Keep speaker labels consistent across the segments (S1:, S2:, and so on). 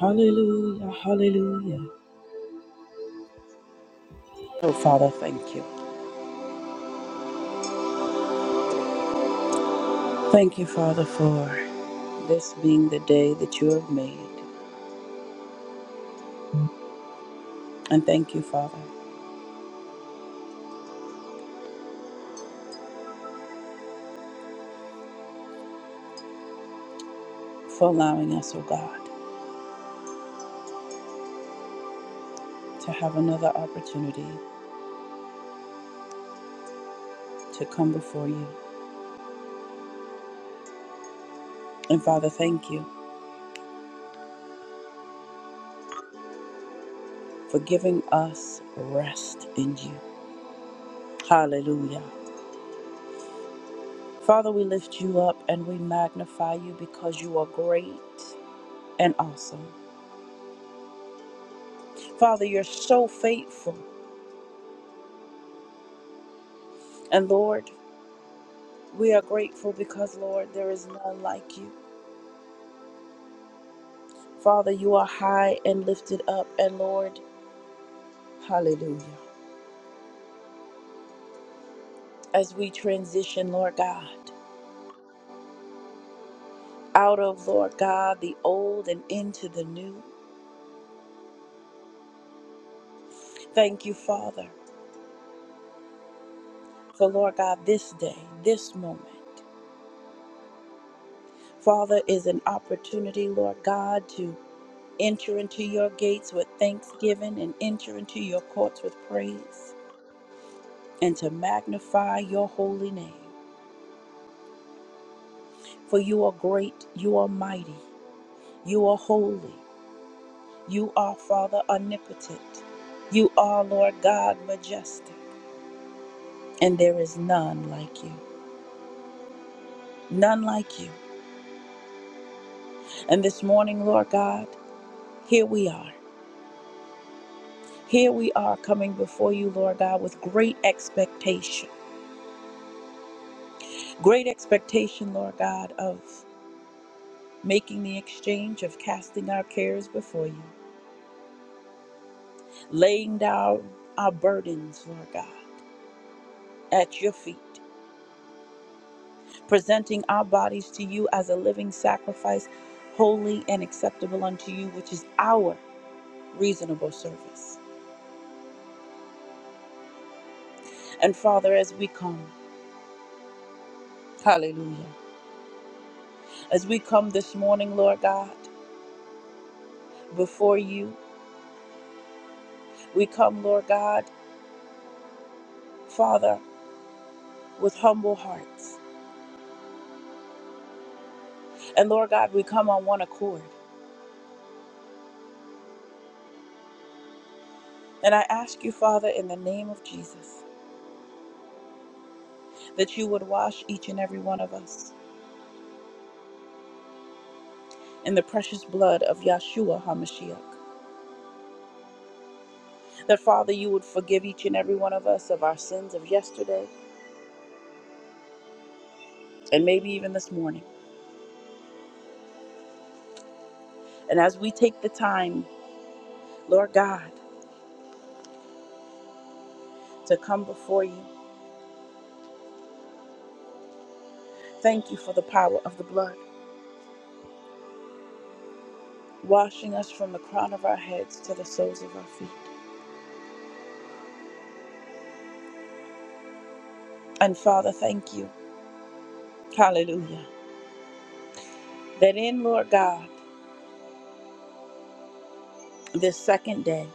S1: Hallelujah, hallelujah. Oh, Father, thank you. Thank you, Father, for this being the day that you have made. And thank you, Father, for allowing us, oh God, to have another opportunity to come before you. And Father, thank you for giving us rest in you. Hallelujah. Father, we lift you up and we magnify you because you are great and awesome. Father, you're so faithful. And Lord, We are grateful because, Lord, there is none like you. Father, you are high and lifted up, and Lord, hallelujah. As we transition, Lord God, out of, Lord God, the old and into the new, thank you, Father, for, Lord God, this day, this moment. Father, is an opportunity, Lord God, to enter into your gates with thanksgiving and enter into your courts with praise and to magnify your holy name. For you are great, you are mighty, You are holy. You are, Father, omnipotent. You are, Lord God, majestic. And there is none like you. None like you. And this morning, Lord God, here we are. Here we are coming before you, Lord God, with great expectation. Great expectation, Lord God, of making the exchange, of casting our cares before you, laying down our burdens, Lord God, at your feet. presenting our bodies to you as a living sacrifice, holy and acceptable unto you, which is our reasonable service. And Father, as we come, hallelujah, as we come this morning, Lord God, before you, we come, Lord God, Father, with humble hearts. And Lord God, we come on one accord. And I ask you, Father, in the name of Jesus, that you would wash each and every one of us in the precious blood of Yahshua HaMashiach. That, Father, you would forgive each and every one of us of our sins of yesterday and maybe even this morning. And as we take the time, Lord God, to come before you, thank you for the power of the blood, washing us from the crown of our heads to the soles of our feet. And, Father, thank you, hallelujah, that in, Lord God, this second day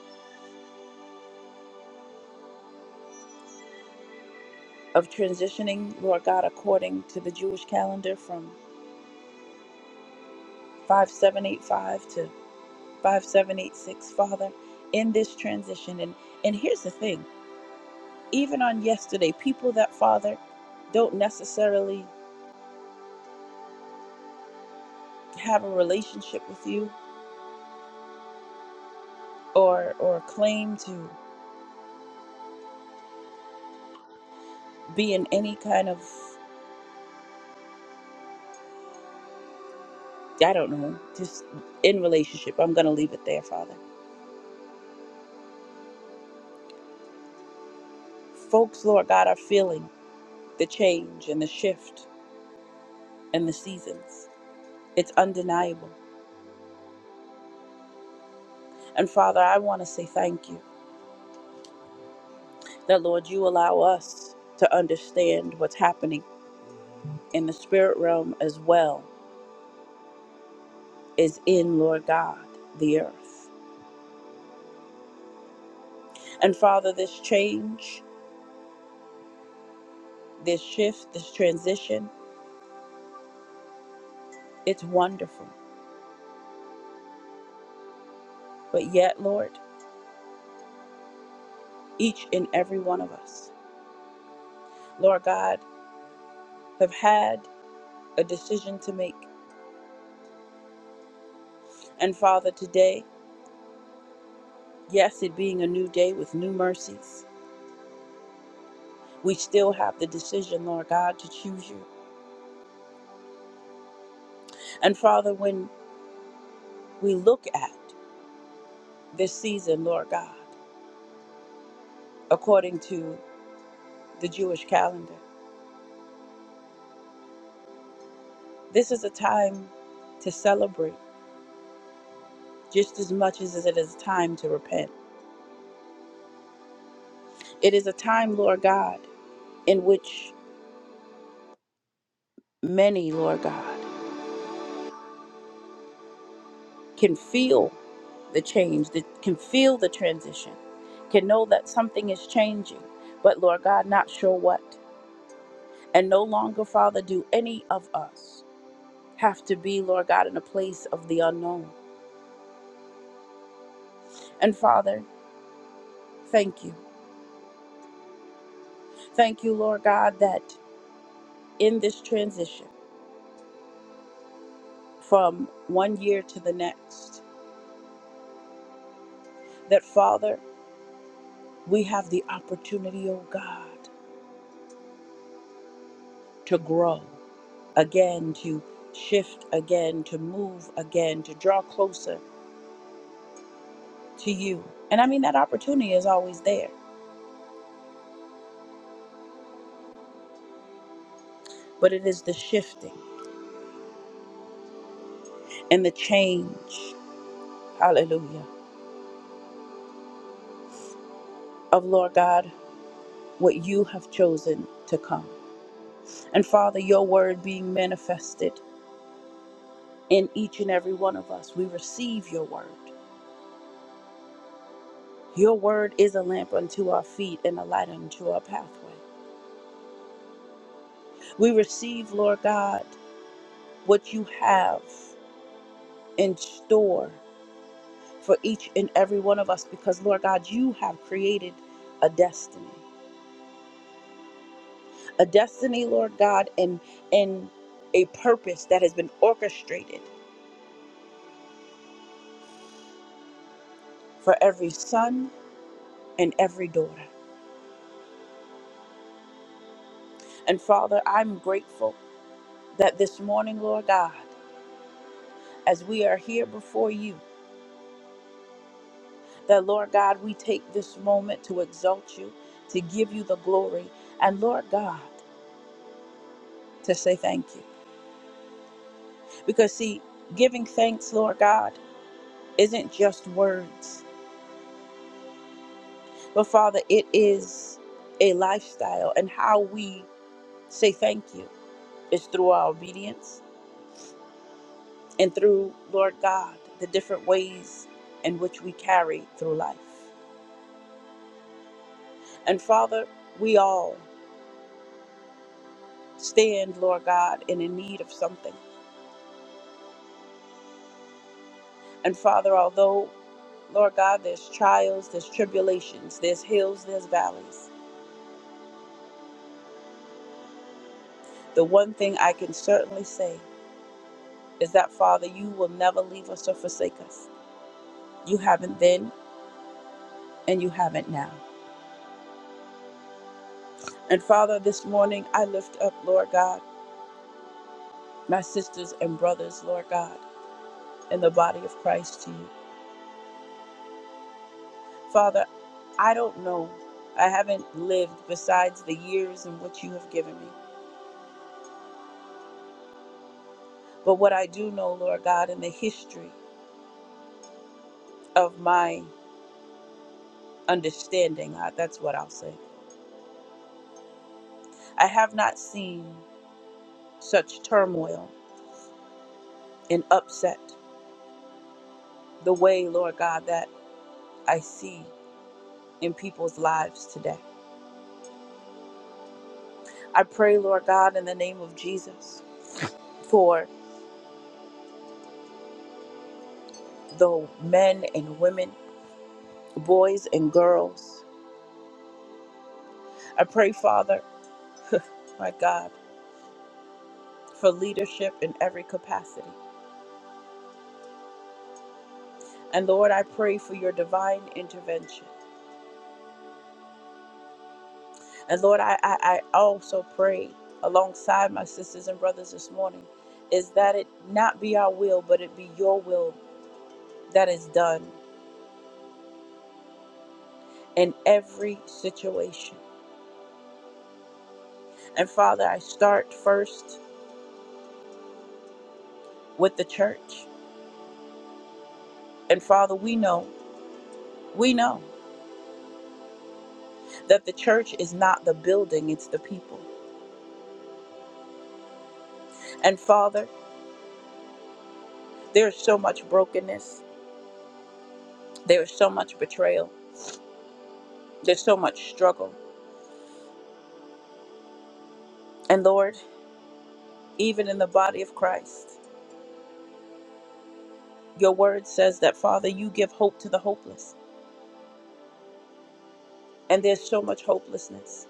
S1: of transitioning, Lord God, according to the Jewish calendar from 5785 to 5786, Father, in this transition. And, and here's the thing. even on yesterday, people that Father don't necessarily have a relationship with you or or claim to be in any kind of I don't know, just in relationship. I'm gonna leave it there, Father. Folks, Lord God, are feeling the change and the shift and the seasons. It's undeniable. And Father, I want to say thank you that Lord, you allow us to understand what's happening in the spirit realm as well as in Lord God, the earth. And Father, this change, this shift, this transition, it's wonderful. But yet, Lord, each and every one of us, Lord God, have had a decision to make. And Father, today, yes, it being a new day with new mercies, we still have the decision, Lord God, to choose you. And Father, when we look at this season, Lord God, according to the Jewish calendar, this is a time to celebrate just as much as it is a time to repent. It is a time, Lord God, in which many, Lord God, can feel the change, that can feel the transition, can know that something is changing, but Lord God, not sure what. And no longer, Father, do any of us have to be, Lord God, in a place of the unknown. And Father, thank you. Thank you, Lord God, that in this transition from one year to the next, that Father, we have the opportunity, oh God, to grow again, to shift again, to move again, to draw closer to you. And I mean, that opportunity is always there, but it is the shifting and the change, hallelujah, of Lord God, what you have chosen to come. And Father, your word being manifested in each and every one of us, we receive your word. Your word is a lamp unto our feet and a light unto our pathway. We receive, Lord God, what you have in store for each and every one of us because, Lord God, you have created a destiny. A destiny, Lord God, and, and a purpose that has been orchestrated for every son and every daughter. And Father, I'm grateful that this morning, Lord God, as we are here before you, that, Lord God, we take this moment to exalt you, to give you the glory, and, Lord God, to say thank you. Because, see, giving thanks, Lord God, isn't just words. But Father, it is a lifestyle, and how we say thank you is through our obedience and through, Lord God, the different ways in which we carry through life. And Father, we all stand, Lord God, and in need of something. And Father, although, Lord God, there's trials, there's tribulations, there's hills, there's valleys, the one thing I can certainly say is that, Father, you will never leave us or forsake us. You haven't then, and you haven't now. And Father, this morning I lift up, Lord God, my sisters and brothers, Lord God, in the body of Christ to you. Father, I don't know. I haven't lived besides the years in which you have given me. But what I do know, Lord God, in the history of my understanding, I, that's what I'll say, I have not seen such turmoil and upset the way, Lord God, that I see in people's lives today. I pray, Lord God, in the name of Jesus, for the men and women, boys and girls. I pray, Father, my God, for leadership in every capacity. And Lord, I pray for your divine intervention. And Lord, I, I, I also pray alongside my sisters and brothers this morning is that it not be our will, but it be your will that is done in every situation. And Father, I start first with the church. And Father, we know, we know. that the church is not the building, it's the people. And Father, there is so much brokenness, there is so much betrayal, there's so much struggle. And Lord, even in the body of Christ, your word says that, Father, you give hope to the hopeless. And there's so much hopelessness,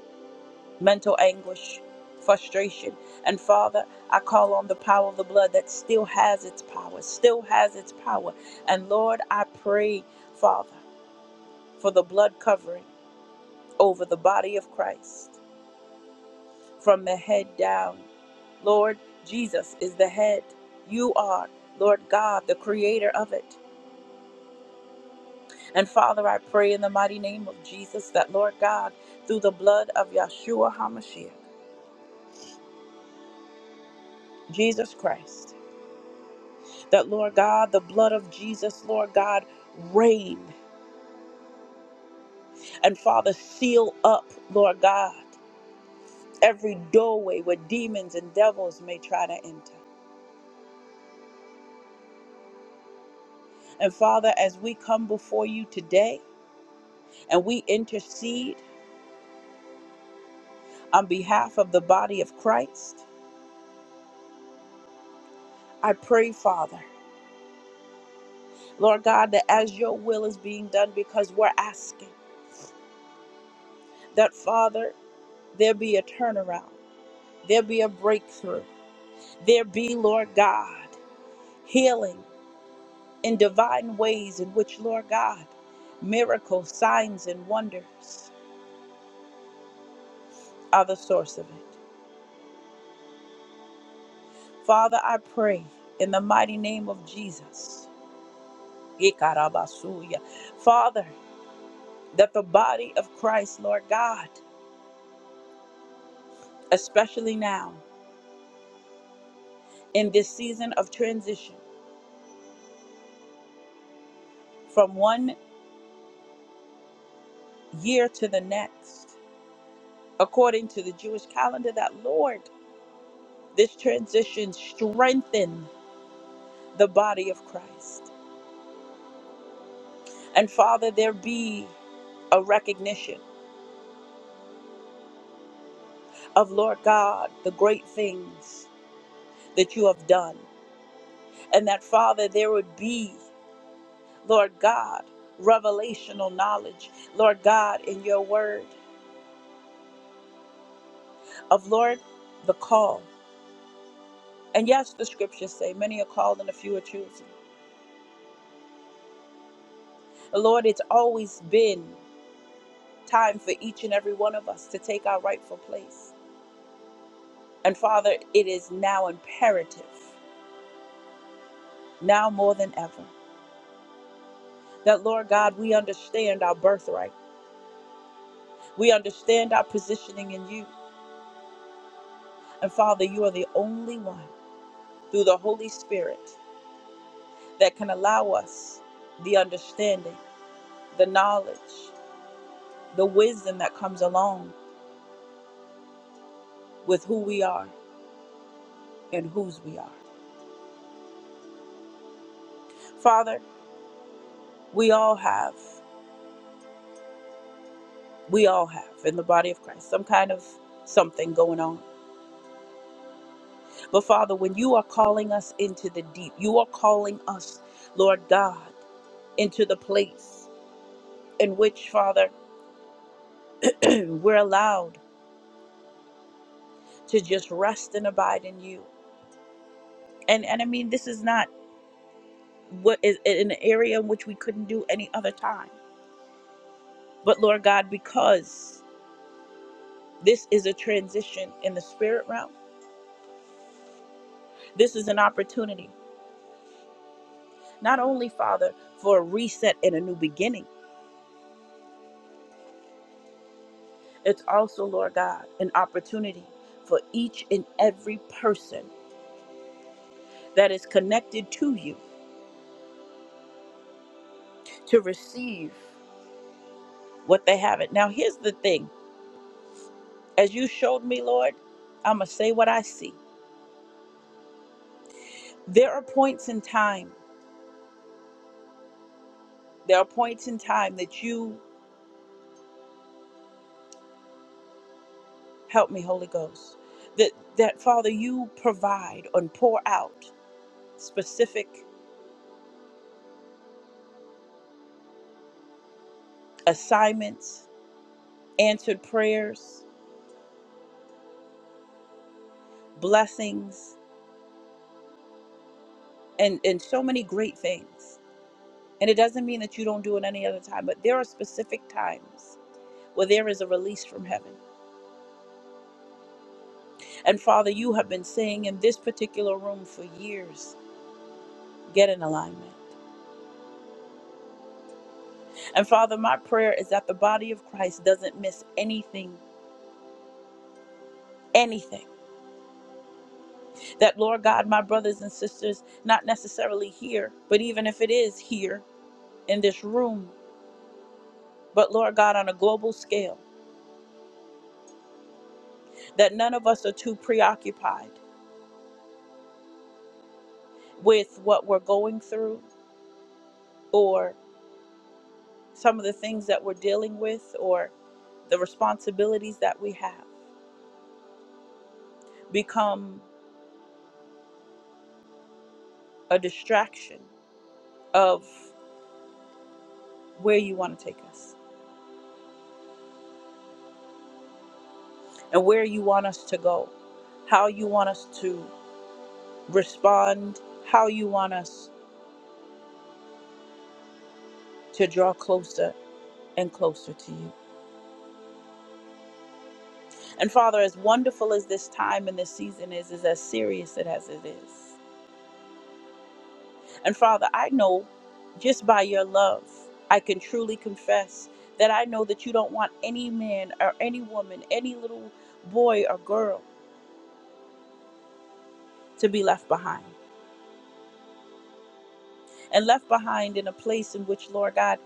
S1: mental anguish, frustration. And Father, I call on the power of the blood that still has its power, still has its power. And Lord, I pray, Father, for the blood covering over the body of Christ. from the head down. Lord, Jesus is the head. You are, Lord God, the creator of it. And Father, I pray in the mighty name of Jesus that, Lord God, through the blood of Yahshua HaMashiach, Jesus Christ, that, Lord God, the blood of Jesus, Lord God, reign. And Father, seal up, Lord God, every doorway where demons and devils may try to enter. And Father, as we come before you today and we intercede, on behalf of the body of Christ. I pray, Father, Lord God, that as your will is being done, because we're asking that, Father, there be a turnaround, there be a breakthrough, there be, Lord God, healing in divine ways in which, Lord God, miracles, signs, and wonders are the source of it. Father, I pray in the mighty name of Jesus. Ikarabasuya. Father, that the body of Christ, Lord God, especially now in this season of transition from one year to the next. According to the Jewish calendar, that Lord, this transition strengthen the body of Christ. And Father, there be a recognition of Lord God, the great things that you have done. And that Father, there would be, Lord God, revelational knowledge, Lord God, in your word of Lord, the call And yes, the scriptures say many are called and a few are chosen. Lord, it's always been time for each and every one of us to take our rightful place. And Father, it is now imperative, now more than ever, that Lord God, we understand our birthright. We understand our positioning in you. And Father, you are the only one through the Holy Spirit that can allow us the understanding, the knowledge, the wisdom that comes along with who we are and whose we are. Father, we all have, we all have in the body of Christ some kind of something going on. But Father, when you are calling us into the deep, you are calling us, Lord God, into the place in which, Father, we're allowed to just rest and abide in you. And and I mean, this is not what is an area in which we couldn't do any other time. But Lord God, because this is a transition in the spirit realm, this is an opportunity Not only, Father, for a reset and a new beginning, it's also, Lord God, an opportunity for each and every person that is connected to you to receive what they haven't. Now, here's the thing as you showed me, Lord, I'm going to say what I see. There are points in time, there are points in time that you help me, Holy Ghost, that, that Father, you provide and pour out specific assignments, answered prayers, blessings and and so many great things and it doesn't mean that you don't do it any other time but there are specific times where there is a release from heaven and father you have been saying in this particular room for years get in alignment and father my prayer is that the body of christ doesn't miss anything anything that lord god my brothers and sisters not necessarily here but even if it is here in this room but lord god on a global scale that none of us are too preoccupied with what we're going through or some of the things that we're dealing with or the responsibilities that we have become a distraction of where you want to take us and where you want us to go, how you want us to respond, how you want us to draw closer and closer to you. And Father, as wonderful as this time and this season is, is as serious it as it is. And Father, I know just by your love, I can truly confess that I know that you don't want any man or any woman, any little boy or girl to be left behind. And left behind in a place in which, Lord God,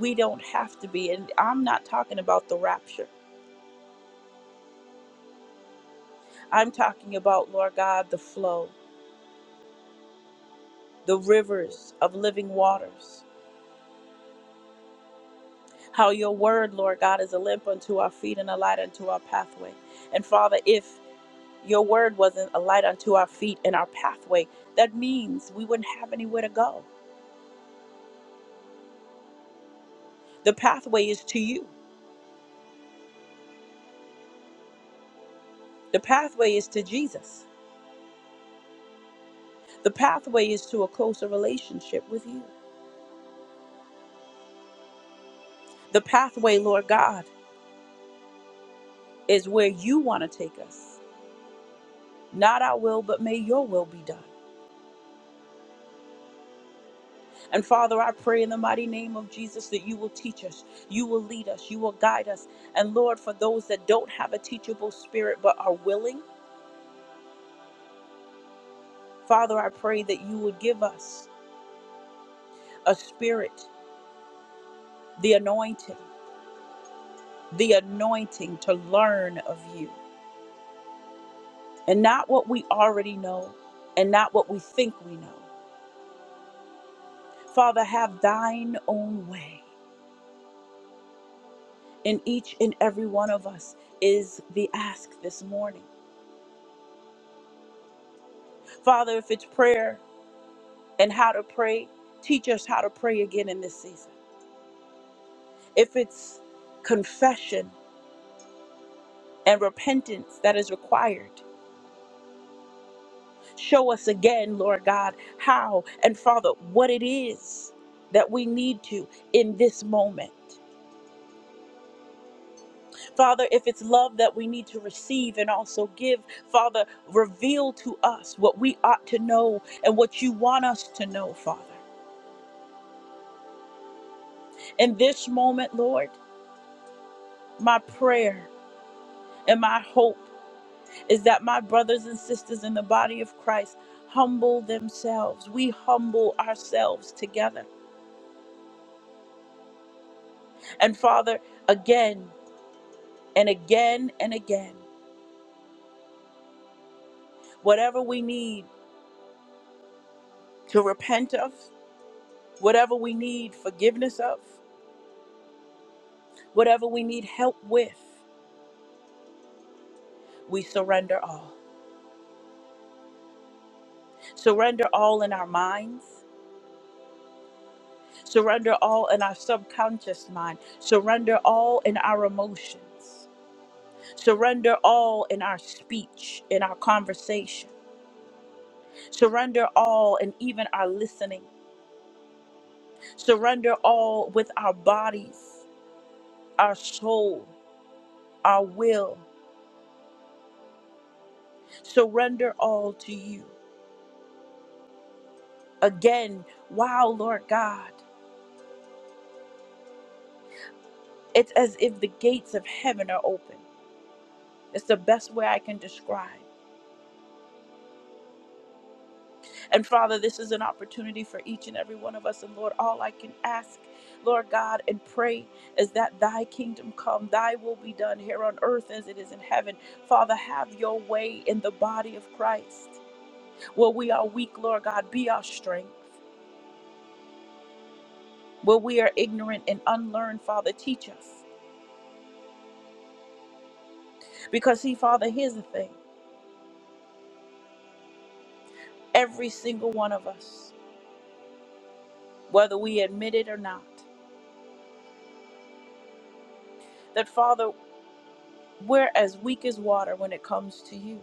S1: we don't have to be. And I'm not talking about the rapture, I'm talking about, Lord God, the flow, the rivers of living waters. How your word, Lord God, is a lamp unto our feet and a light unto our pathway. And Father, if Your word wasn't a light unto our feet and our pathway. That means we wouldn't have anywhere to go. The pathway is to you, the pathway is to Jesus, the pathway is to a closer relationship with you. The pathway, Lord God, is where you want to take us. Not our will, but may your will be done. And Father, I pray in the mighty name of Jesus that you will teach us, you will lead us, you will guide us. And Lord, for those that don't have a teachable spirit but are willing, Father, I pray that you would give us. a spirit, the anointing, the anointing to learn of you, and not what we already know, and not what we think we know. Father, have thine own way in each and every one of us, is the ask this morning. Father, if it's prayer and how to pray, teach us how to pray again in this season. If it's confession and repentance that is required, Show us again, Lord God, how and Father, what it is that we need to in this moment. Father, if it's love that we need to receive and also give, Father, reveal to us what we ought to know and what you want us to know, Father. In this moment, Lord, my prayer and my hope is that my brothers and sisters in the body of Christ humble themselves. We humble ourselves together. And Father, again. and again and again. Whatever we need to repent of, whatever we need forgiveness of, whatever we need help with, we surrender all. Surrender all in our minds, surrender all in our subconscious mind, surrender all in our emotions, surrender all in our speech, in our conversation, surrender all in even our listening, surrender all with our bodies, our soul, our will. surrender all to you. Again, wow, Lord God, it's as if the gates of heaven are open. It's the best way I can describe. And Father, this is an opportunity for each and every one of us. And Lord, all I can ask, Lord God, and pray is that thy kingdom come, thy will be done here on earth as it is in heaven. Father, have your way in the body of Christ. Where we are weak, Lord God, be our strength. Where we are ignorant and unlearned, Father, teach us. Because, see, Father, here's the thing every single one of us, whether we admit it or not, that, Father, we're as weak as water when it comes to you.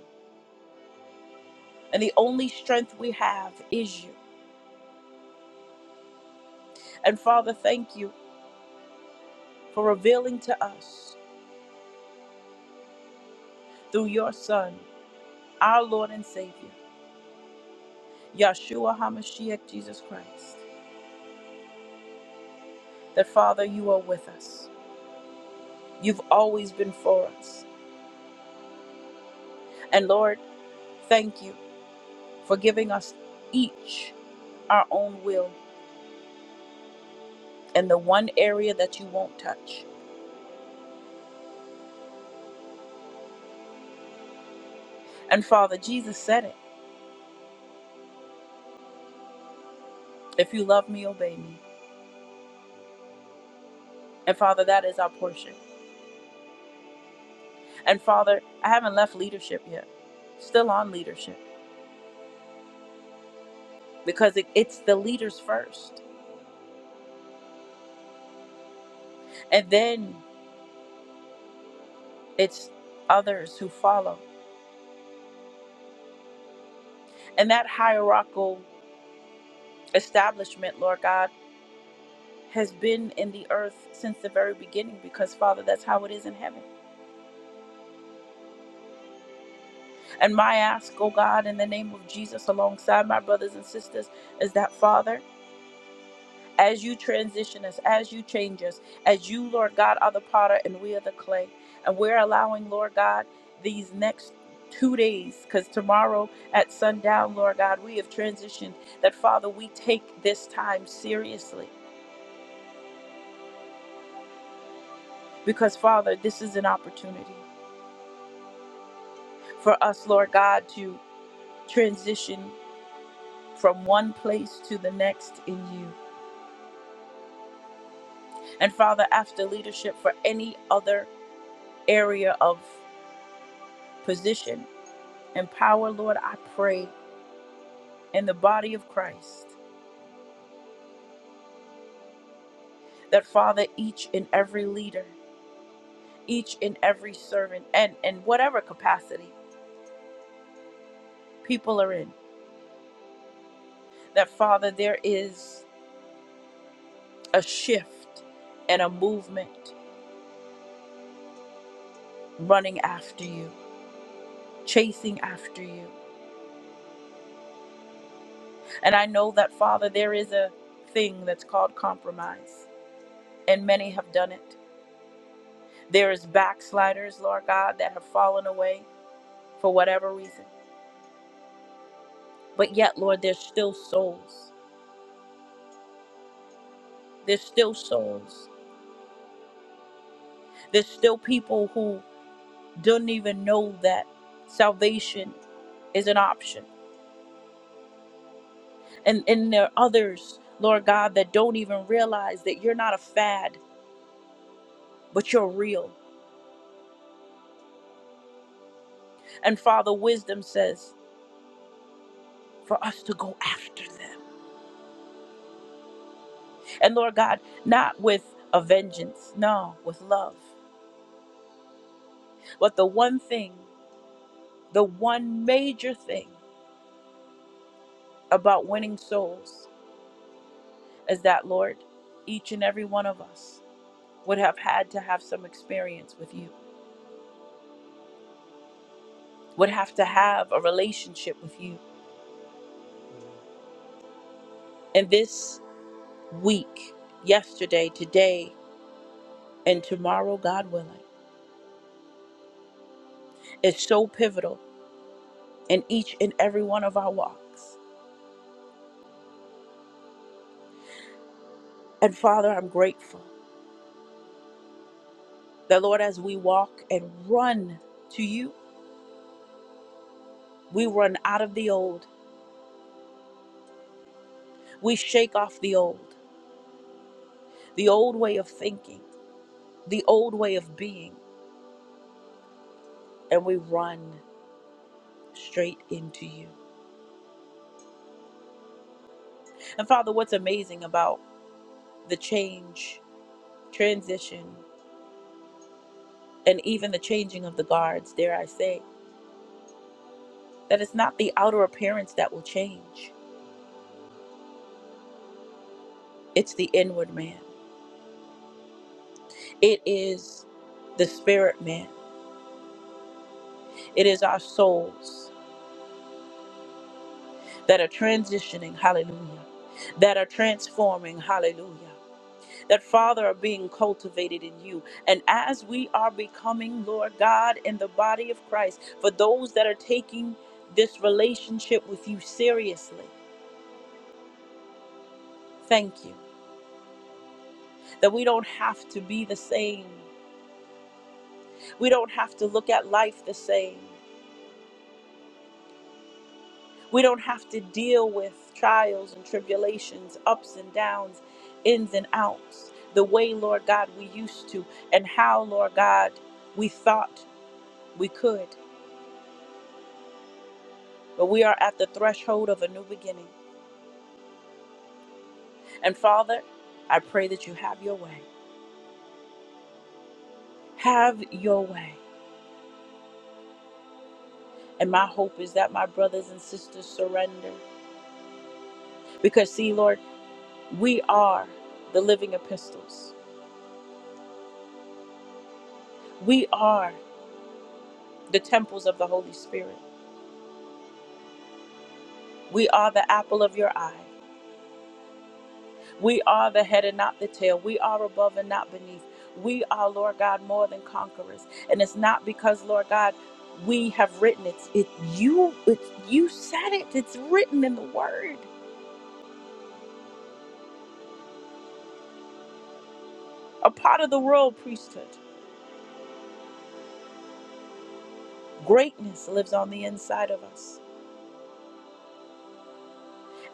S1: And the only strength we have is you. And, Father, thank you for revealing to us through your Son, our Lord and Savior, Yahshua HaMashiach Jesus Christ, that, Father, you are with us. You've always been for us. And, Lord, thank you for giving us each our own will and the one area that you won't touch. And Father, Jesus said it if you love me, obey me. And Father, that is our portion. And Father, I haven't left leadership yet, still on leadership because it, it's the leaders first, and then it's others who follow. And that hierarchical establishment, Lord God, has been in the earth since the very beginning because, Father, that's how it is in heaven. And my ask, oh God, in the name of Jesus, alongside my brothers and sisters, is that, Father, as you transition us, as you change us, as you, Lord God, are the potter and we are the clay. And we're allowing, Lord God, these next two days, because tomorrow at sundown, Lord God, we have transitioned that, Father, we take this time seriously because, Father, this is an opportunity for us, Lord God, to transition from one place to the next in you. And, Father, after leadership for any other area of position and power, Lord, I pray in the body of Christ. That, Father, each and every leader, each and every servant, and in whatever capacity people are in, that, Father, there is a shift and a movement running after you, chasing after you. And I know that, Father, there is a thing that's called compromise, and many have done it. There is backsliders, Lord God, that have fallen away for whatever reason. But yet, Lord, there's still souls. There's still souls There's still people who don't even know that salvation is an option. And and there are others, Lord God, that don't even realize that you're not a fad, but you're real. And Father, wisdom says for us to go after them. And Lord God, not with a vengeance, no, with love. But the one thing, the one major thing about winning souls is that, Lord, each and every one of us would have had to have some experience with you. would have to have a relationship with you. And this week, yesterday, today, and tomorrow, God willing, is so pivotal in each and every one of our walks. And Father, I'm grateful that, Lord, as we walk and run to you, we run out of the old. We shake off the old, the old way of thinking, the old way of being, and we run straight into you. And Father, what's amazing about the change, transition. and even the changing of the guards, dare I say, that it's not the outer appearance that will change, it's the inward man. It is the spirit man. It is our souls that are transitioning, hallelujah, that are transforming, hallelujah. That Father are being cultivated in you. And as we are becoming, Lord God, in the body of Christ, for those that are taking this relationship with you seriously, thank you that we don't have to be the same We don't have to look at life the same. We don't have to deal with trials and tribulations, ups and downs, ins and outs, the way, Lord God, we used to, and how, Lord God, we thought we could. But we are at the threshold of a new beginning. And Father, I pray that you have your way. Have your way. And my hope is that my brothers and sisters surrender. Because, see, Lord, we are the living epistles. We are the temples of the Holy Spirit. We are the apple of your eye. We are the head and not the tail. We are above and not beneath. We are, Lord God, more than conquerors. And it's not because, Lord God, we have written it. It you it you said it. It's written in the word. A part of the royal priesthood. Greatness lives on the inside of us.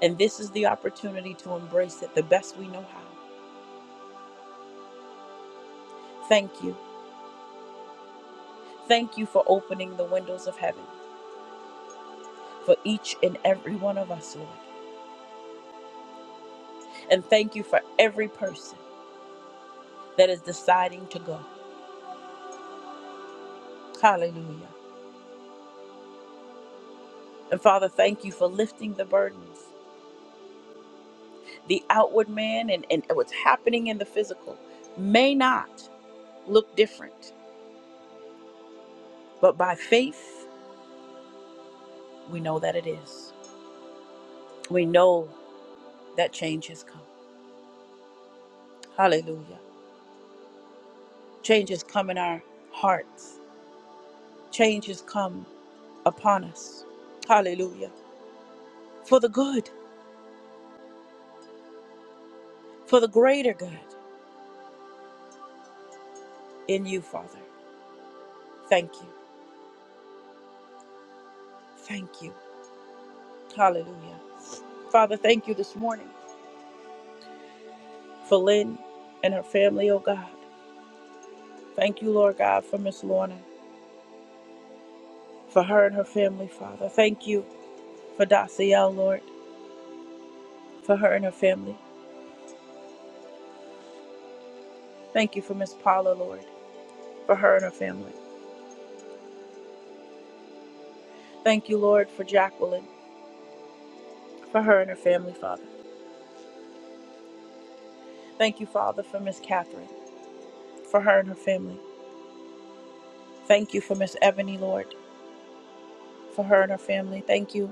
S1: And this is the opportunity to embrace it the best we know how. Thank you. Thank you for opening the windows of heaven for each and every one of us, Lord. And thank you for every person that is deciding to go. Hallelujah. And Father, thank you for lifting the burdens. The outward man and, and what's happening in the physical may not look different, but by faith, we know that it is. We know that change has come. Hallelujah. Change has come in our hearts, change has come upon us. Hallelujah. For the good, for the greater good in you, Father. Thank you. Thank you. Hallelujah. Father, thank you this morning for Lynn and her family, oh God. Thank you, Lord God, for Miss Lorna, for her and her family, Father. Thank you for Daciel, Lord, for her and her family. Thank you for Miss Paula, Lord, for her and her family. Thank you, Lord, for Jacqueline, for her and her family, Father. Thank you, Father, for Miss Catherine, for her and her family. Thank you for Miss Ebony, Lord, for her and her family. Thank you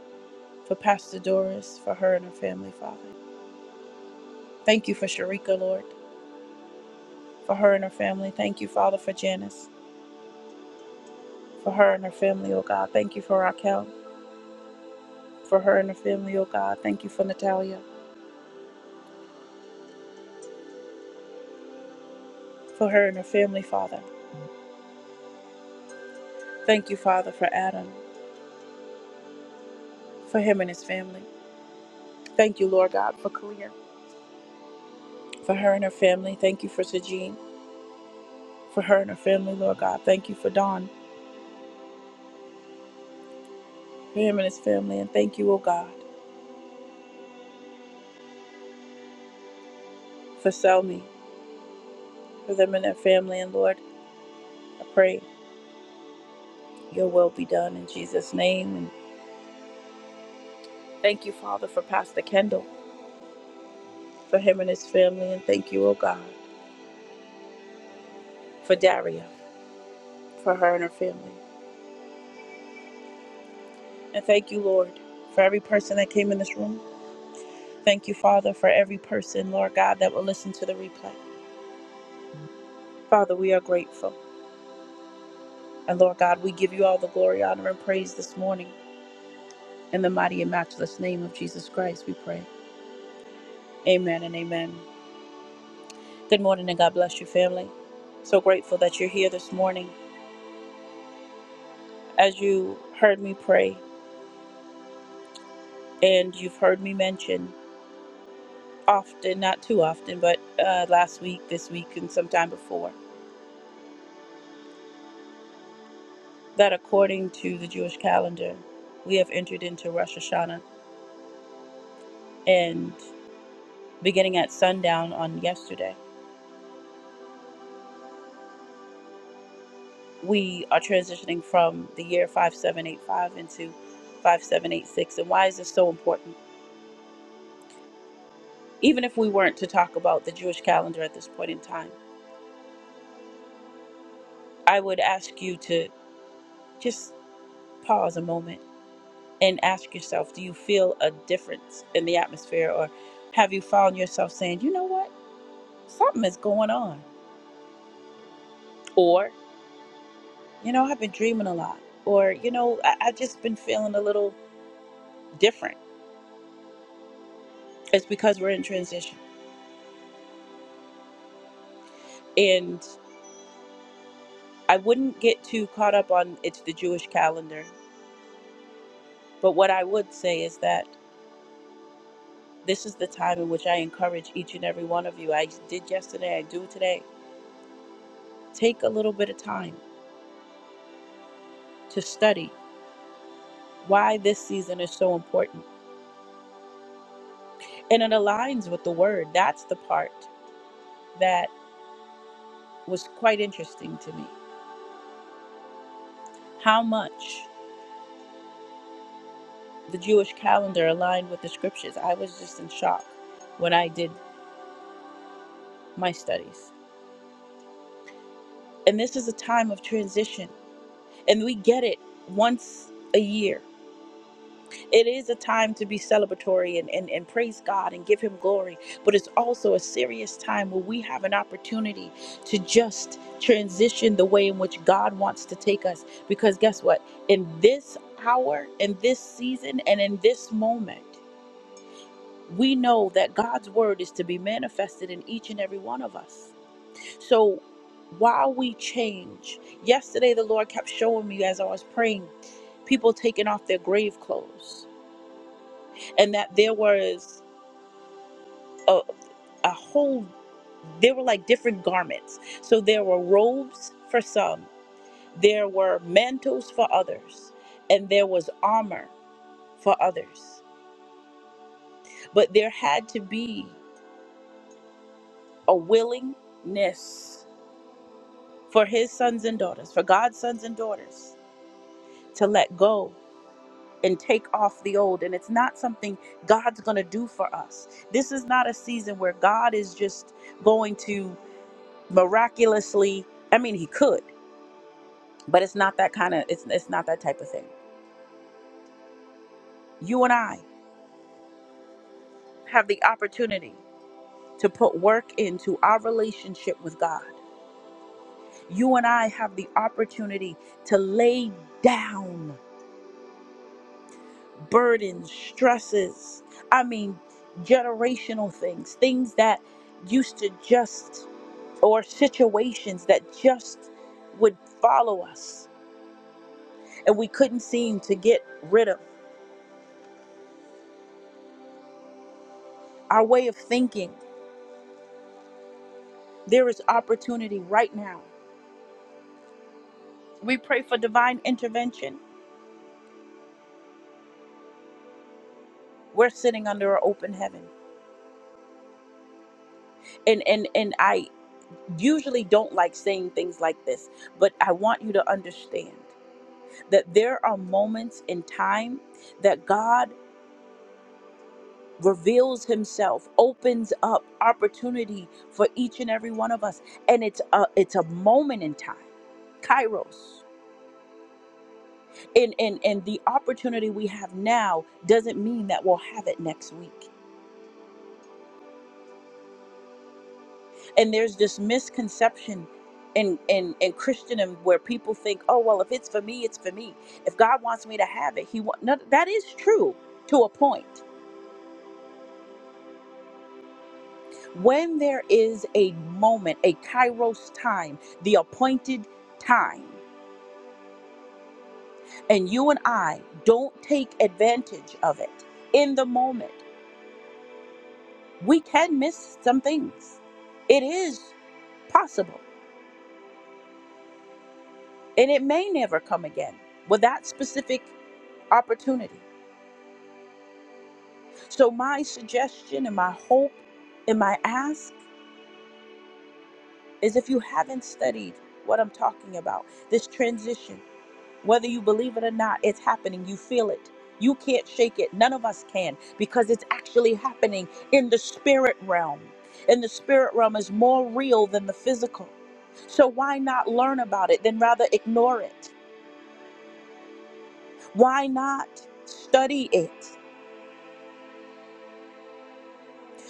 S1: for Pastor Doris, for her and her family, Father. Thank you for Sharika, Lord. for her and her family. Thank you, Father, for Janice, for her and her family, oh God. Thank you for Raquel, for her and her family, oh God. Thank you for Natalia, for her and her family, Father. Thank you, Father, for Adam, for him and his family. Thank you, Lord God, for Kalia, for her and her family. Thank you for Sajin, for her and her family, Lord God. Thank you for Don, for him and his family. And thank you, oh God, for Selmy, for them and their family. And Lord, I pray your will be done in Jesus' name. And thank you, Father, for Pastor Kendall. for him and his family. And thank you, oh God, for Daria, for her and her family. And thank you, Lord, for every person that came in this room. Thank you, Father, for every person, Lord God, that will listen to the replay. Father, we are grateful. And Lord God, we give you all the glory, honor, and praise this morning. In the mighty and matchless name of Jesus Christ, we pray. Amen and amen. Good morning and God bless you, family. So grateful that you're here this morning. As you heard me pray and you've heard me mention, often, not too often, but uh, last week, this week, and sometime before, that according to the Jewish calendar, we have entered into Rosh Hashanah. And beginning at sundown on yesterday, we are transitioning from the year 5785 into 5786. And why is this so important? Even if we weren't to talk about the Jewish calendar at this point in time, I would ask you to just pause a moment and ask yourself do you feel a difference in the atmosphere or have you found yourself saying you know what something is going on or you know i've been dreaming a lot or you know I- i've just been feeling a little different it's because we're in transition and i wouldn't get too caught up on it's the jewish calendar but what i would say is that this is the time in which i encourage each and every one of you i did yesterday i do today take a little bit of time to study why this season is so important and it aligns with the word. That's the part that was quite interesting to me. How much the Jewish calendar aligned with the scriptures. I was just in shock when I did my studies. And this is a time of transition, and we get it once a year. It is a time to be celebratory and, and, and praise God and give Him glory, but it's also a serious time where we have an opportunity to just transition the way in which God wants to take us. Because guess what? In this hour, in this season, and in this moment, we know that God's word is to be manifested in each and every one of us. So while we change, yesterday the Lord kept showing me as I was praying, people taking off their grave clothes and that there was a, a whole there were like different garments so there were robes for some there were mantles for others and there was armor for others but there had to be a willingness for his sons and daughters for god's sons and daughters to let go and take off the old and it's not something god's going to do for us this is not a season where god is just going to miraculously i mean he could but it's not that kind of it's, it's not that type of thing you and i have the opportunity to put work into our relationship with god you and i have the opportunity to lay down burdens stresses i mean generational things things that used to just or situations that just would follow us and we couldn't seem to get rid of our way of thinking There is opportunity right now. We pray for divine intervention. We're sitting under an open heaven. And and and I usually don't like saying things like this, but I want you to understand that there are moments in time that God reveals himself opens up opportunity for each and every one of us and it's a it's a moment in time kairos and and and the opportunity we have now doesn't mean that we'll have it next week and there's this misconception in in in Christendom where people think, "Oh, well, if it's for me, it's for me. If God wants me to have it, He want." No, that is true to a point. When there is a moment, a kairos time, the appointed time, and you and I don't take advantage of it in the moment, we can miss some things. It is possible, and it may never come again with that specific opportunity. So, my suggestion and my hope and my ask is if you haven't studied what I'm talking about, this transition, whether you believe it or not, it's happening. You feel it. You can't shake it. None of us can because it's actually happening in the spirit realm. And the spirit realm is more real than the physical. So, why not learn about it, then rather ignore it? Why not study it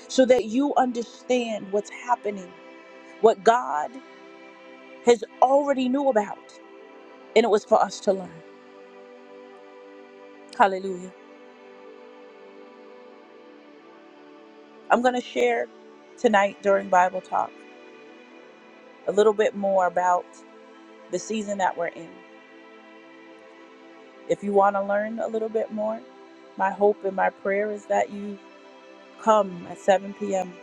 S1: so that you understand what's happening? What God has already knew about and it was for us to learn hallelujah i'm going to share tonight during bible talk a little bit more about the season that we're in if you want to learn a little bit more my hope and my prayer is that you come at 7 p.m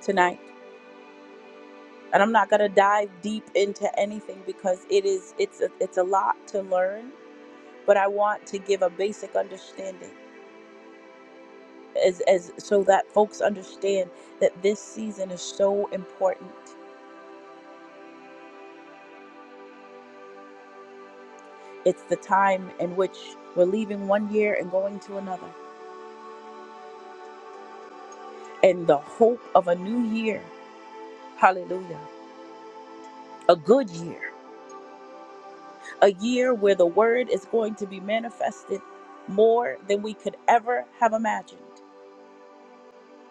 S1: tonight and i'm not going to dive deep into anything because it is it's a, it's a lot to learn but i want to give a basic understanding as, as so that folks understand that this season is so important It's the time in which we're leaving one year and going to another. And the hope of a new year. Hallelujah. A good year. A year where the word is going to be manifested more than we could ever have imagined.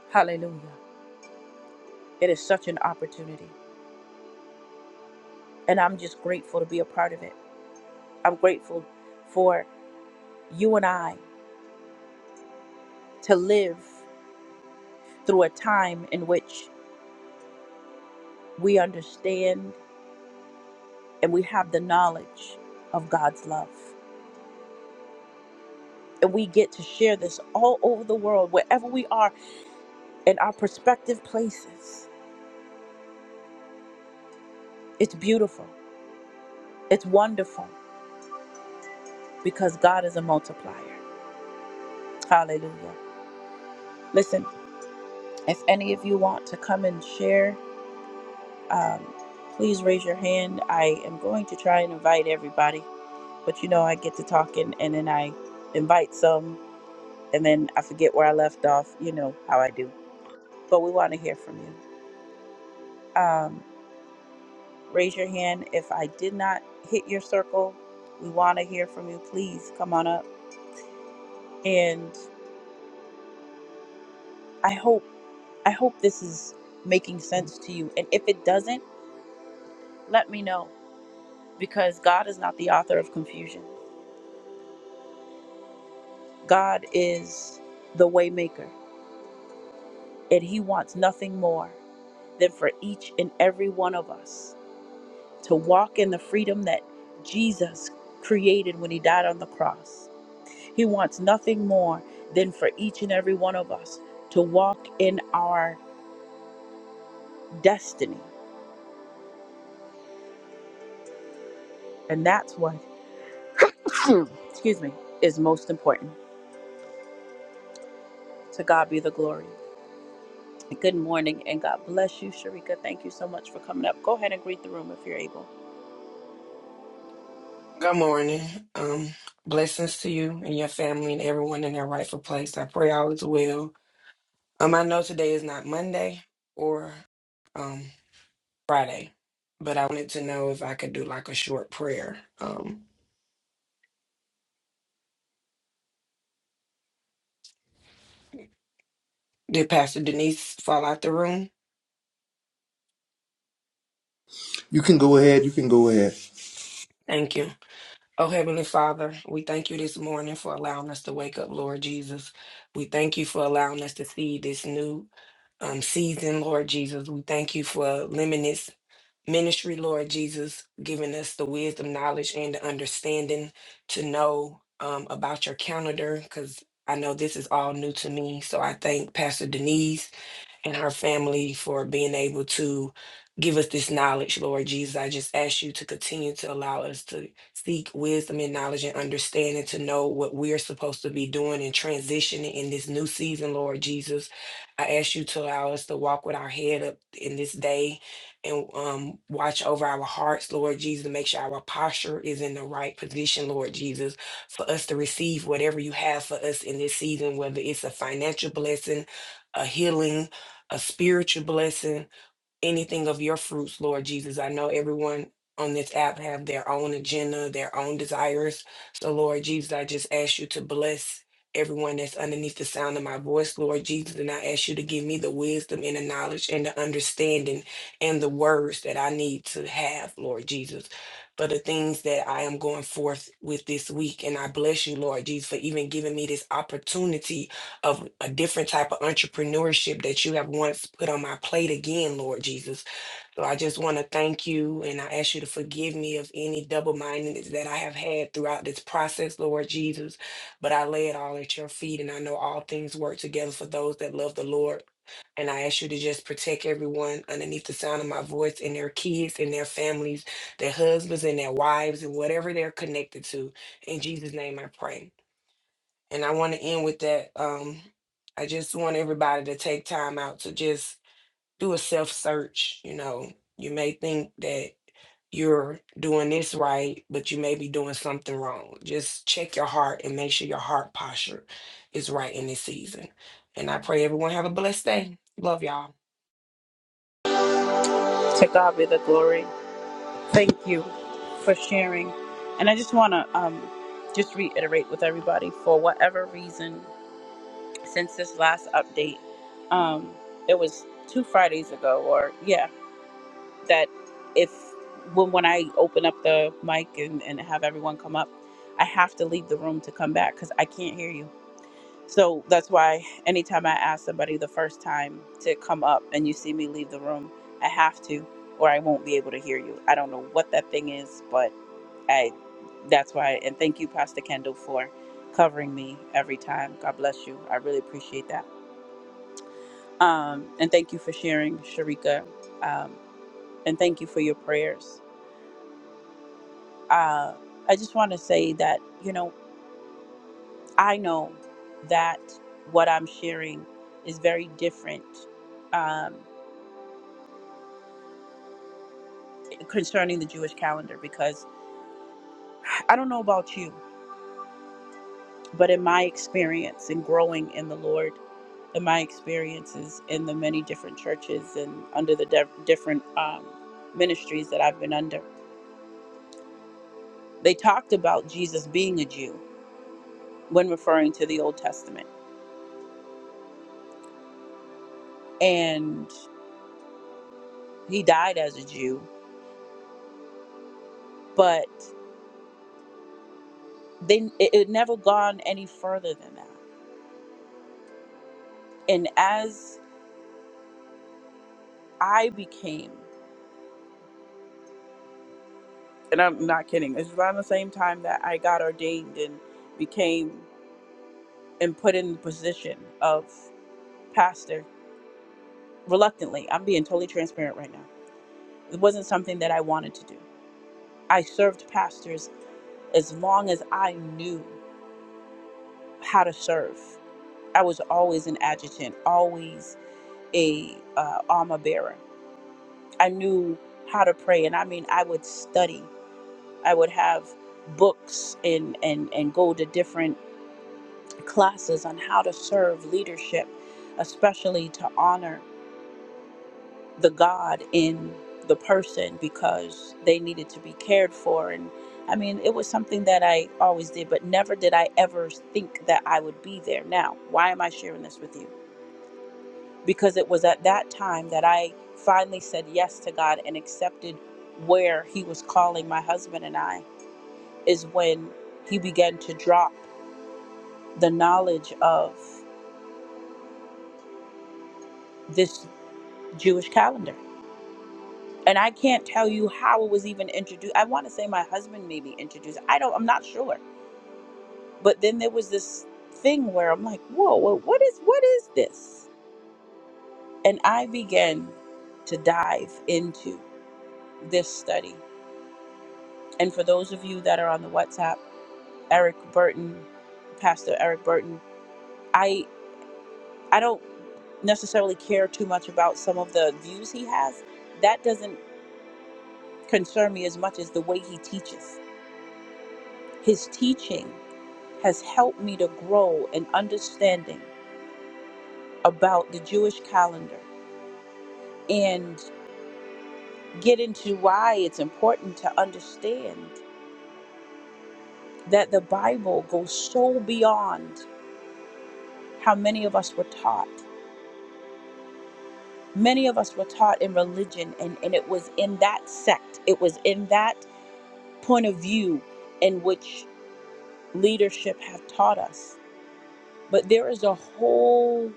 S1: Hallelujah. It is such an opportunity. And I'm just grateful to be a part of it. I'm grateful for you and I to live through a time in which we understand and we have the knowledge of God's love. and we get to share this all over the world, wherever we are in our prospective places. It's beautiful. It's wonderful because God is a multiplier. Hallelujah. Listen, if any of you want to come and share, um, please raise your hand. I am going to try and invite everybody, but you know, I get to talking and then I invite some and then I forget where I left off. You know how I do. But we want to hear from you. Um, raise your hand. If I did not hit your circle, we want to hear from you. Please come on up. And I hope I hope this is making sense to you. And if it doesn't, let me know because God is not the author of confusion. God is the waymaker, and he wants nothing more than for each and every one of us to walk in the freedom that Jesus created when he died on the cross. He wants nothing more than for each and every one of us to walk in our destiny. And that's what, excuse me, is most important. To God be the glory. Good morning and God bless you, Sharika. Thank you so much for coming up. Go ahead and greet the room if you're able.
S2: Good morning. Um, blessings to you and your family and everyone in their rightful place. I pray all is well. Um, I know today is not Monday or um Friday, but I wanted to know if I could do like a short prayer. Um, did Pastor Denise fall out the room?
S3: You can go ahead. You can go ahead.
S2: Thank you. Oh, Heavenly Father, we thank you this morning for allowing us to wake up, Lord Jesus. We thank you for allowing us to see this new um, season, Lord Jesus. We thank you for limitless. Ministry, Lord Jesus, giving us the wisdom, knowledge, and the understanding to know um, about your calendar, because I know this is all new to me. So I thank Pastor Denise and her family for being able to give us this knowledge, Lord Jesus. I just ask you to continue to allow us to seek wisdom and knowledge and understanding to know what we're supposed to be doing and transitioning in this new season, Lord Jesus. I ask you to allow us to walk with our head up in this day and um, watch over our hearts, Lord Jesus, to make sure our posture is in the right position, Lord Jesus, for us to receive whatever you have for us in this season, whether it's a financial blessing, a healing, a spiritual blessing, anything of your fruits, Lord Jesus. I know everyone on this app have their own agenda, their own desires. So Lord Jesus, I just ask you to bless everyone that's underneath the sound of my voice, Lord Jesus, and I ask you to give me the wisdom and the knowledge and the understanding and the words that I need to have, Lord Jesus, for the things that I am going forth with this week. And I bless you, Lord Jesus, for even giving me this opportunity of a different type of entrepreneurship that you have once put on my plate again, Lord Jesus. So I just want to thank you and I ask you to forgive me of any double mindedness that I have had throughout this process, Lord Jesus. But I lay it all at your feet and I know all things work together for those that love the Lord. And I ask you to just protect everyone underneath the sound of my voice and their kids and their families, their husbands and their wives and whatever they're connected to. In Jesus' name I pray. And I want to end with that. Um, I just want everybody to take time out to just do a self search. You know, you may think that you're doing this right, but you may be doing something wrong. Just check your heart and make sure your heart posture is right in this season. And I pray everyone have a blessed day. Love y'all.
S1: To God be the glory. Thank you for sharing. And I just want to um, just reiterate with everybody for whatever reason, since this last update, um, it was two Fridays ago, or yeah, that if when, when I open up the mic and, and have everyone come up, I have to leave the room to come back because I can't hear you. So that's why anytime I ask somebody the first time to come up and you see me leave the room, I have to, or I won't be able to hear you. I don't know what that thing is, but I that's why and thank you, Pastor Kendall, for covering me every time. God bless you. I really appreciate that. Um, and thank you for sharing, Sharika. Um, and thank you for your prayers uh, I just want to say that, you know, I know that what I'm sharing is very different um, concerning the Jewish calendar because I don't know about you, but in my experience in growing in the Lord, in my experiences in the many different churches and under the de- different um, ministries that I've been under, they talked about Jesus being a Jew when referring to the Old Testament. And he died as a Jew, but they it, it never gone any further than that and as i became and i'm not kidding it's around the same time that i got ordained and became and put in the position of pastor reluctantly i'm being totally transparent right now it wasn't something that i wanted to do i served pastors as long as i knew how to serve i was always an adjutant always a uh, armor bearer i knew how to pray and i mean i would study I would have books and, and, and go to different classes on how to serve leadership, especially to honor the God in the person because they needed to be cared for. And I mean, it was something that I always did, but never did I ever think that I would be there. Now, why am I sharing this with you? Because it was at that time that I finally said yes to God and accepted where He was calling my husband and I, is when He began to drop. the knowledge of this Jewish calendar. And I can't tell you how it was even introduced. I want to say my husband maybe introduced. I don't. I'm not sure. But then there was this thing where I'm like, whoa, wha- what is what is this? And I began to dive into this study. And for those of you that are on the WhatsApp, Eric Burton, Pastor Eric Burton, I I don't necessarily care too much about some of the views he has. That doesn't concern me as much as the way he teaches. His teaching has helped me to grow an understanding about the Jewish calendar and get into why it's important to understand that the Bible goes so beyond how many of us were taught. Many of us were taught in religion, and, and it was in that sect, it was in that point of view in which leadership have taught us. But there is a whole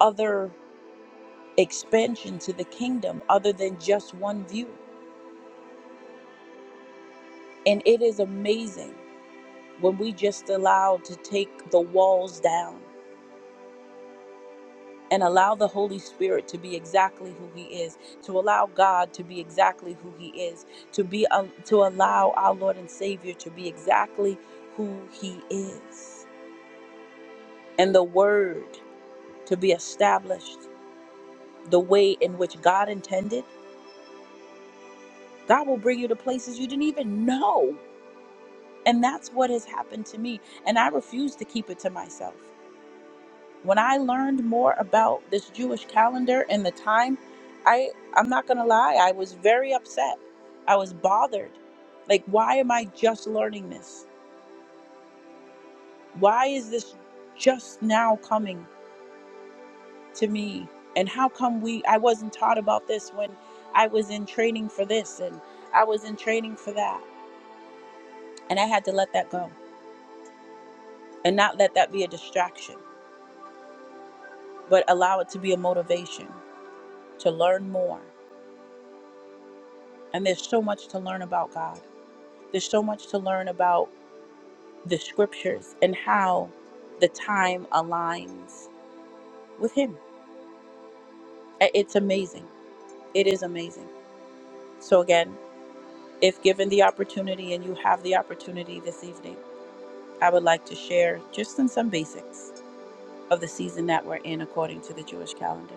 S1: other expansion to the kingdom other than just one view. And it is amazing when we just allow to take the walls down and allow the Holy Spirit to be exactly who he is, to allow God to be exactly who he is, to be uh, to allow our Lord and Savior to be exactly who he is. And the word to be established the way in which God intended. God will bring you to places you didn't even know And that's what has happened to me. And I refuse to keep it to myself. When I learned more about this Jewish calendar and the time, I I'm not going to lie, I was very upset. I was bothered. Like why am I just learning this? Why is this just now coming to me? And how come we I wasn't taught about this when I was in training for this and I was in training for that. And I had to let that go and not let that be a distraction, but allow it to be a motivation. to learn more. And there's so much to learn about God. There's so much to learn about the scriptures and how the time aligns with Him. It's amazing. It is amazing. So, again, if given the opportunity and you have the opportunity this evening, I would like to share just in some basics of the season that we're in according to the Jewish calendar.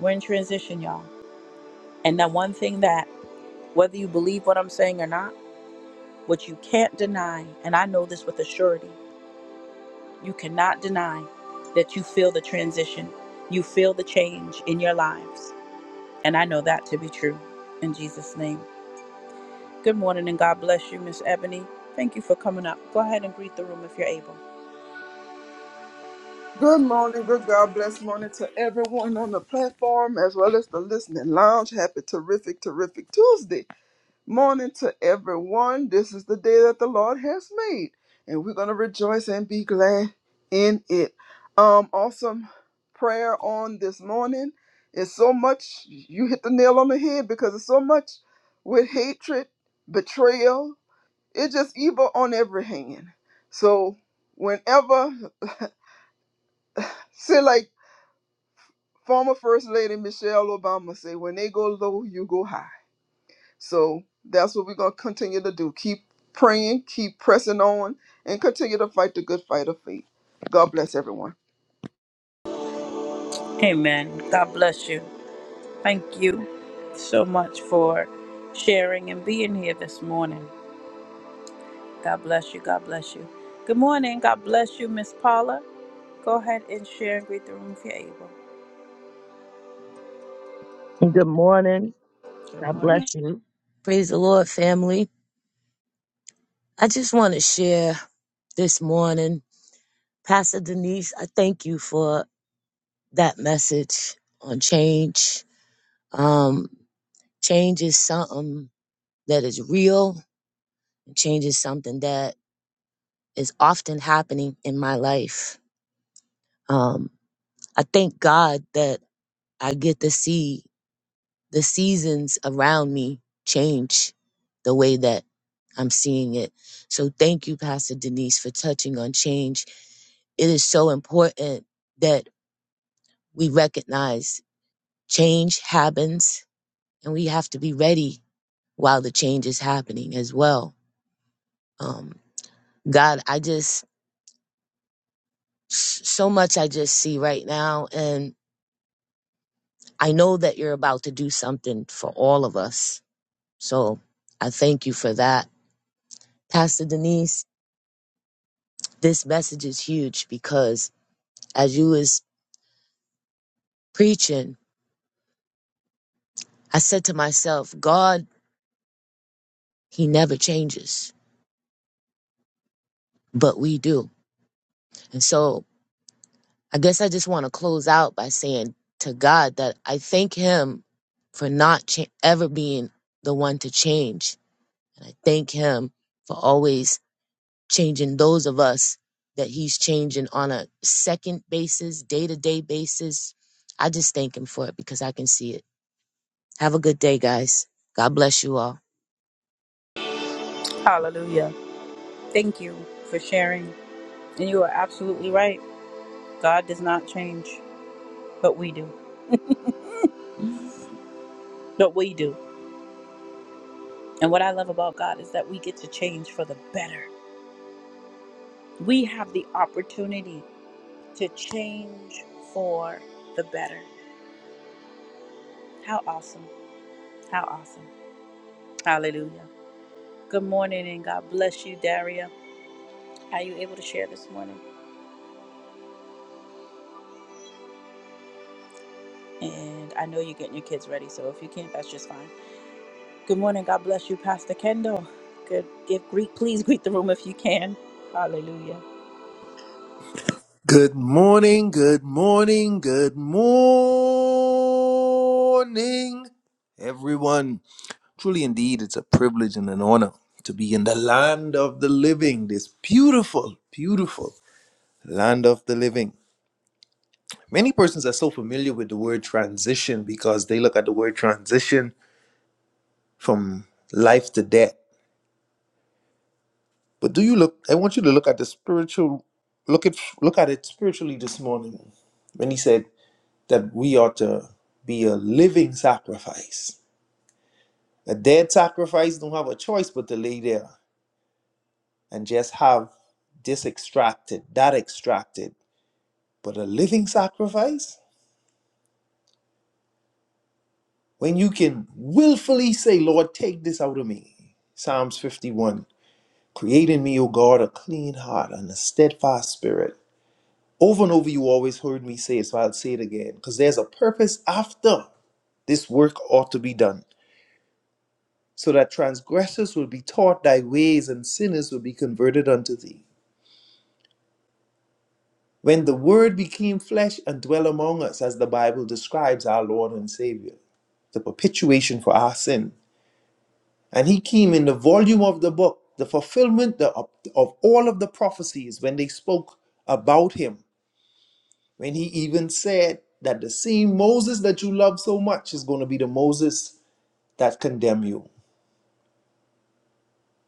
S1: We're in transition, y'all. And the one thing that, whether you believe what I'm saying or not, what you can't deny, and I know this with a surety, You cannot deny that you feel the transition. You feel the change in your lives. And I know that to be true in Jesus' name. Good morning and God bless you, Miss Ebony. Thank you for coming up. Go ahead and greet the room if you're able.
S4: Good morning, good God bless morning to everyone on the platform as well as the listening lounge. Happy, terrific, terrific Tuesday morning to everyone. This is the day that the Lord has made, and we're going to rejoice and be glad in it. Um, awesome prayer on this morning. It's so much, you hit the nail on the head because it's so much with hatred, betrayal, it's just evil on every hand. So, whenever, say, like, Former First Lady Michelle Obama say, "When they go low, you go high." So that's what we're gonna continue to do. Keep praying, keep pressing on, and continue to fight the good fight of faith. God bless everyone.
S1: Amen. God bless you. Thank you so much for sharing and being here this morning. God bless you. God bless you. Good morning. God bless you, Miss Paula. Go ahead and share and greet the room if you're able.
S5: Good morning.
S1: Good
S5: God
S1: morning.
S5: bless you. Praise the Lord, family. I just want to share this morning. Pastor Denise, I thank you for that message on change. Um, change is something that is real, change is something that is often happening in my life. Um, I thank God that I get to see. the seasons around me change the way that I'm seeing it. So thank you, Pastor Denise, for touching on change. It is so important that we recognize change happens and we have to be ready while the change is happening as well. Um, God, I just, s- so much I just see right now. And I know that you're about to do something for all of us. So I thank you for that. Pastor Denise, this message is huge because as you was preaching, I said to myself, God, he never changes, but we do. And so I guess I just want to close out by saying to God that I thank him for not cha- ever being the one to change. And I thank him for always changing those of us that he's changing on a second basis, day to day basis. I just thank him for it because I can see it. Have a good day, guys. God bless you all.
S1: Hallelujah. Thank you for sharing. And you are absolutely right. God does not change, but we do. But we do. And what I love about God is that we get to change for the better. We have the opportunity to change for the better. How awesome. How awesome. Hallelujah. Good morning and God bless you, Daria. Are you able to share this morning? And I know you're getting your kids ready, so if you can't, that's just fine. Good morning. God bless you, Pastor Kendall. Good. Give greet. Please greet the room if you can. Hallelujah.
S3: Good morning, good morning, good morning, everyone. Truly, indeed, it's a privilege and an honor to be in the land of the living, this beautiful, beautiful land of the living. Many persons are so familiar with the word transition because they look at the word transition from life to death. But do you look? I want you to look at the spiritual, look at look at it spiritually this morning. When he said. that we ought to be a living sacrifice. A dead sacrifice don't have a choice but to lay there and just have this extracted, that extracted. But a living sacrifice, when you can willfully say, Lord, take this out of me. Psalms 51 Create in me, O God, a clean heart and a steadfast spirit. Over and over, you always heard me say it, so I'll say it again because there's a purpose after this work ought to be done. so that transgressors will be taught thy ways and sinners will be converted unto thee. When the Word became flesh and dwelt among us, as the Bible describes our Lord and Savior, the perpetuation for our sin. And he came in the volume of the book, the fulfillment of, all of the prophecies when they spoke about him, when he even said that the same Moses that you love so much is going to be the Moses that condemn you.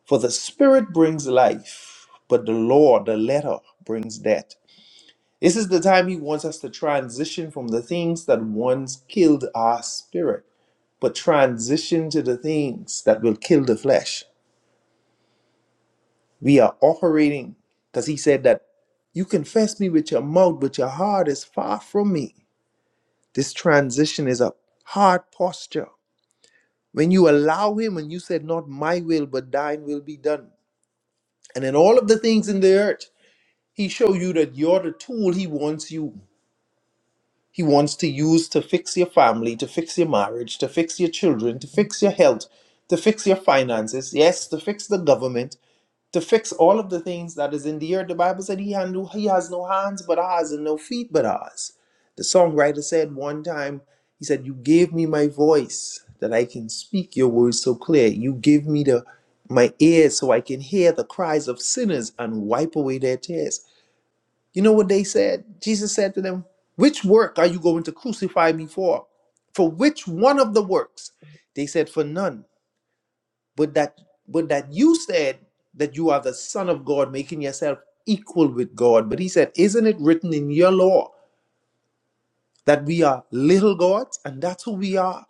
S3: For the Spirit brings life, but the law, the letter, brings death. This is the time He wants us to transition from the things that once killed our spirit, but transition to the things that will kill the flesh. We are operating because He said that you confess me with your mouth, but your heart is far from me. This transition is a hard posture. When you allow Him and you said, Not my will, but thine will be done. And in all of the things in the earth, He show you that you're the tool he wants you. He wants to use to fix your family, to fix your marriage, to fix your children, to fix your health, to fix your finances, yes, to fix the government, to fix all of the things that is in the earth. The Bible said he, had no, he has no hands but ours and no feet but ours. The songwriter said one time, he said, You gave me my voice that I can speak your words so clear. You give me the my ears so I can hear the cries of sinners and wipe away their tears. You know what they said? Jesus said to them, Which work are you going to crucify me for? For which one of the works? They said, For none. But that but that you said that you are the Son of God, making yourself equal with God. But he said, Isn't it written in your law that we are little gods? And that's who we are.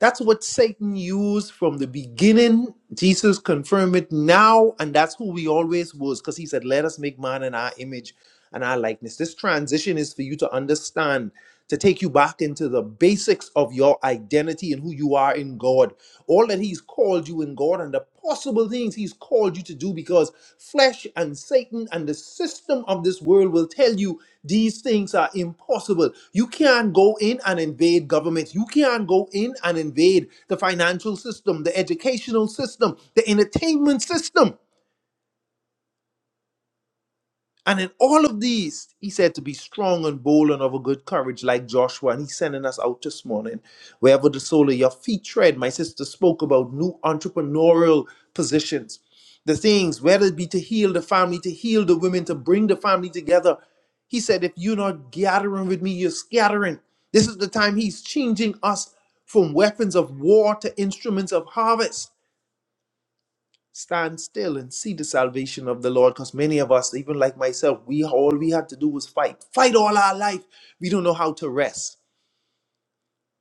S3: That's what Satan used from the beginning. Jesus confirmed it now, and that's who we always was, because he said, Let us make man in our image and our likeness. This transition is for you to understand, to take you back into the basics of your identity and who you are in God. All that he's called you in God and the possible things He's called you to do because flesh and Satan and the system of this world will tell you these things are impossible. You can't go in and invade governments. You can't go in and invade the financial system, the educational system, the entertainment system. And in all of these, he said to be strong and bold and of a good courage, like Joshua. And he's sending us out this morning. Wherever the sole of your feet tread, my sister spoke about new entrepreneurial positions. The things, whether it be to heal the family, to heal the women, to bring the family together. He said, if you're not gathering with me, you're scattering. This is the time he's changing us from weapons of war to instruments of harvest stand still and see the salvation of the Lord. Because many of us, even like myself, we all we had to do was fight. Fight all our life. We don't know how to rest.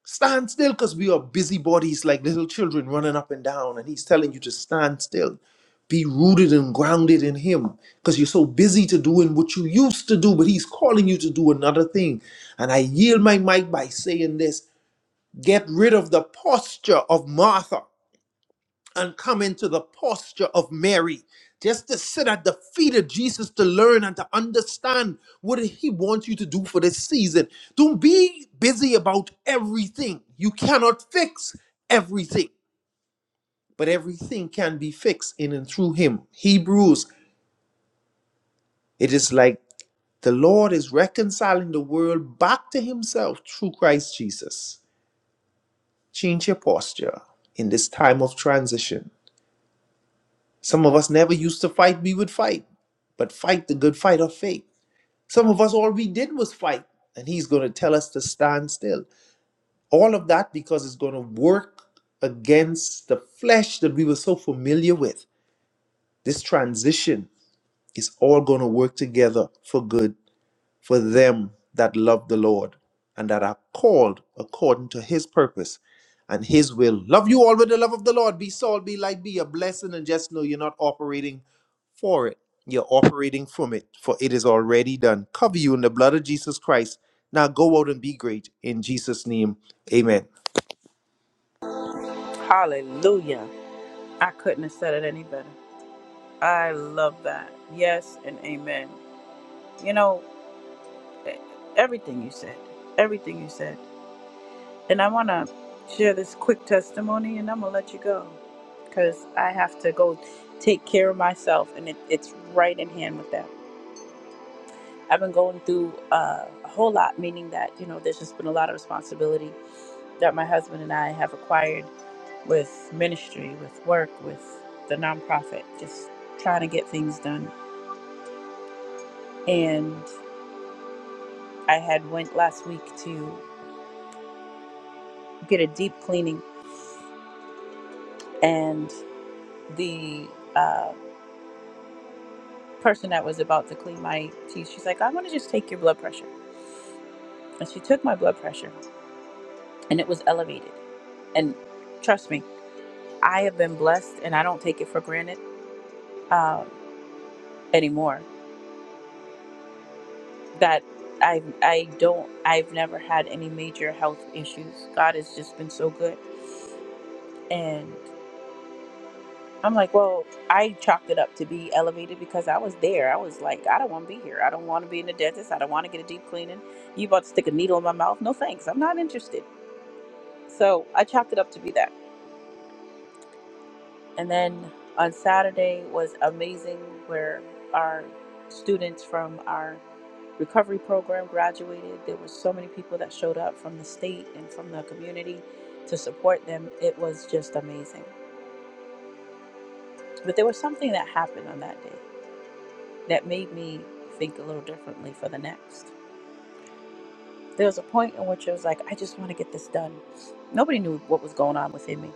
S3: Stand still because we are busybodies like little children running up and down. And he's telling you to stand still. Be rooted and grounded in him. Because you're so busy to doing what you used to do, but he's calling you to do another thing. And I yield my mic by saying this. Get rid of the posture of Martha and come into the posture of Mary, just to sit at the feet of Jesus to learn and to understand what he wants you to do for this season. Don't be busy about everything. You cannot fix everything, but everything can be fixed in and through him. Hebrews, it is like the Lord is reconciling the world back to himself through Christ Jesus. Change your posture in this time of transition Some of us never used to fight, we would fight, but fight the good fight of faith. Some of us, all we did was fight, and He's going to tell us to stand still. All of that because it's going to work against the flesh that we were so familiar with. This transition is all going to work together for good for them that love the Lord and that are called according to his purpose and his will. Love you all with the love of the Lord. Be salt, be light, be a blessing, and just know you're not operating for it. You're operating from it, for it is already done. Cover you in the blood of Jesus Christ. Now go out and be great. In Jesus' name, amen.
S1: Hallelujah. I couldn't have said it any better. I love that. Yes and amen. You know, e- everything you said, everything you said. And I want to share this quick testimony and I'm going to let you go because I have to go take care of myself and it, it's right in hand with that. I've been going through uh, a whole lot, meaning that, you know, there's just been a lot of responsibility that my husband and I have acquired with ministry, with work, with the nonprofit, just trying to get things done. and. I had went last week to get a deep cleaning, and the uh, person that was about to clean my teeth, she's like, "I'm gonna just take your blood pressure," and she took my blood pressure, and it was elevated. And trust me, I have been blessed, and I don't take it for granted um, anymore. That I I don't I've never had any major health issues. God has just been so good, and I'm like, well, I chalked it up to be elevated because I was there. I was like, I don't want to be here. I don't want to be in the dentist. I don't want to get a deep cleaning. You about to stick a needle in my mouth? No, thanks. I'm not interested. So I chalked it up to be that. And then on Saturday was amazing, where our students from our recovery program graduated. There were so many people that showed up from the state and from the community to support them. It was just amazing. But there was something that happened on that day. that made me think a little differently for the next. There was a point in which I was like, I just want to get this done. Nobody knew what was going on within me.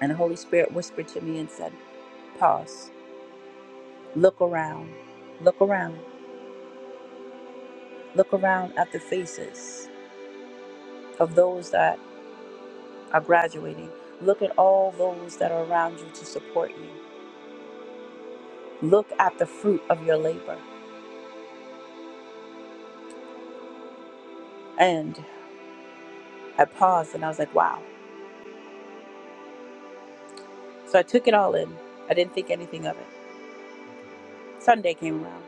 S1: And the Holy Spirit whispered to me and said, Pause, look around, look around, look around at the faces of those that are graduating. Look at all those that are around you to support you. Look at the fruit of your labor. And I paused and I was like, wow. So I took it all in. I didn't think anything of it. Sunday came around.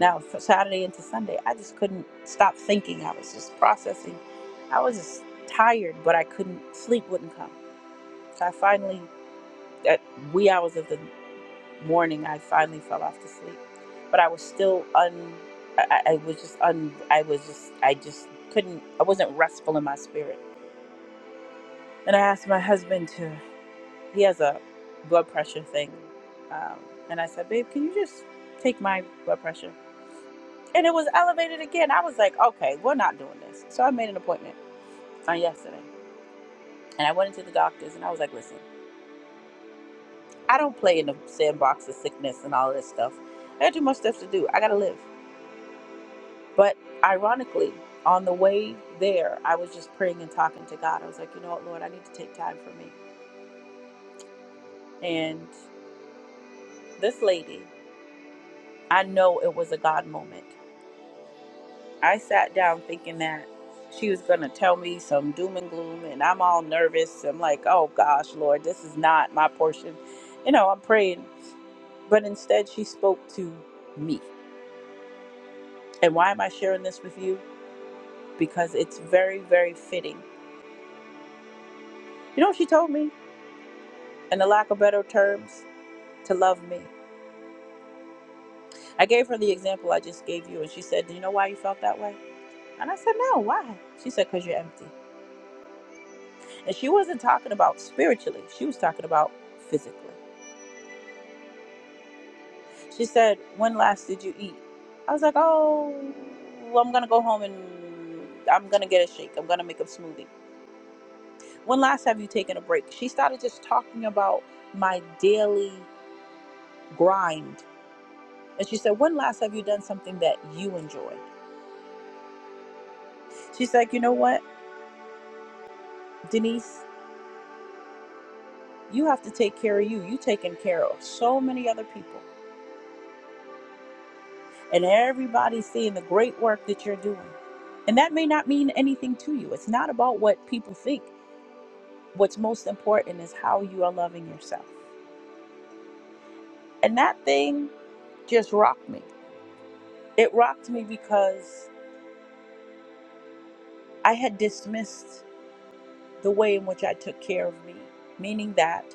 S1: Now, for Saturday into Sunday, I just couldn't stop thinking. I was just processing. I was just tired, but I couldn't, sleep wouldn't come. So I finally, at wee hours of the morning, I finally fell off to sleep. But I was still un, I, I was just un, I was just, I just couldn't, I wasn't restful in my spirit. And I asked my husband to, he has a blood pressure thing. Um, and I said, babe, can you just take my blood pressure? and it was elevated again. I was like, okay, we're not doing this. So I made an appointment on yesterday, and I went into the doctor's, and I was like, listen, I don't play in the sandbox of sickness and all of this stuff. I got too much stuff to do. I gotta live. But ironically, on the way there, I was just praying and talking to God. I was like, you know what, Lord, I need to take time for me. And this lady, I know it was a God moment. I sat down thinking that she was going to tell me some doom and gloom, and I'm all nervous. I'm like, oh gosh, Lord, this is not my portion. You know, I'm praying. But instead, she spoke to me. And why am I sharing this with you? Because it's very, very fitting. You know what she told me? In the lack of better terms, to love me. I gave her the example I just gave you, and she said, Do you know why you felt that way? And I said, No, why? She said, Because you're empty. And she wasn't talking about spiritually, she was talking about physically. She said, When last did you eat? I was like, Oh, well, I'm going to go home and I'm going to get a shake. I'm going to make a smoothie. When last have you taken a break? She started just talking about my daily grind. And she said, When last have you done something that you enjoyed? She's like, You know what, Denise? You have to take care of you. You taking care of so many other people. And everybody's seeing the great work that you're doing. And that may not mean anything to you. It's not about what people think. What's most important is how you are loving yourself. And that thing just rocked me. It rocked me because I had dismissed the way in which I took care of me, meaning that,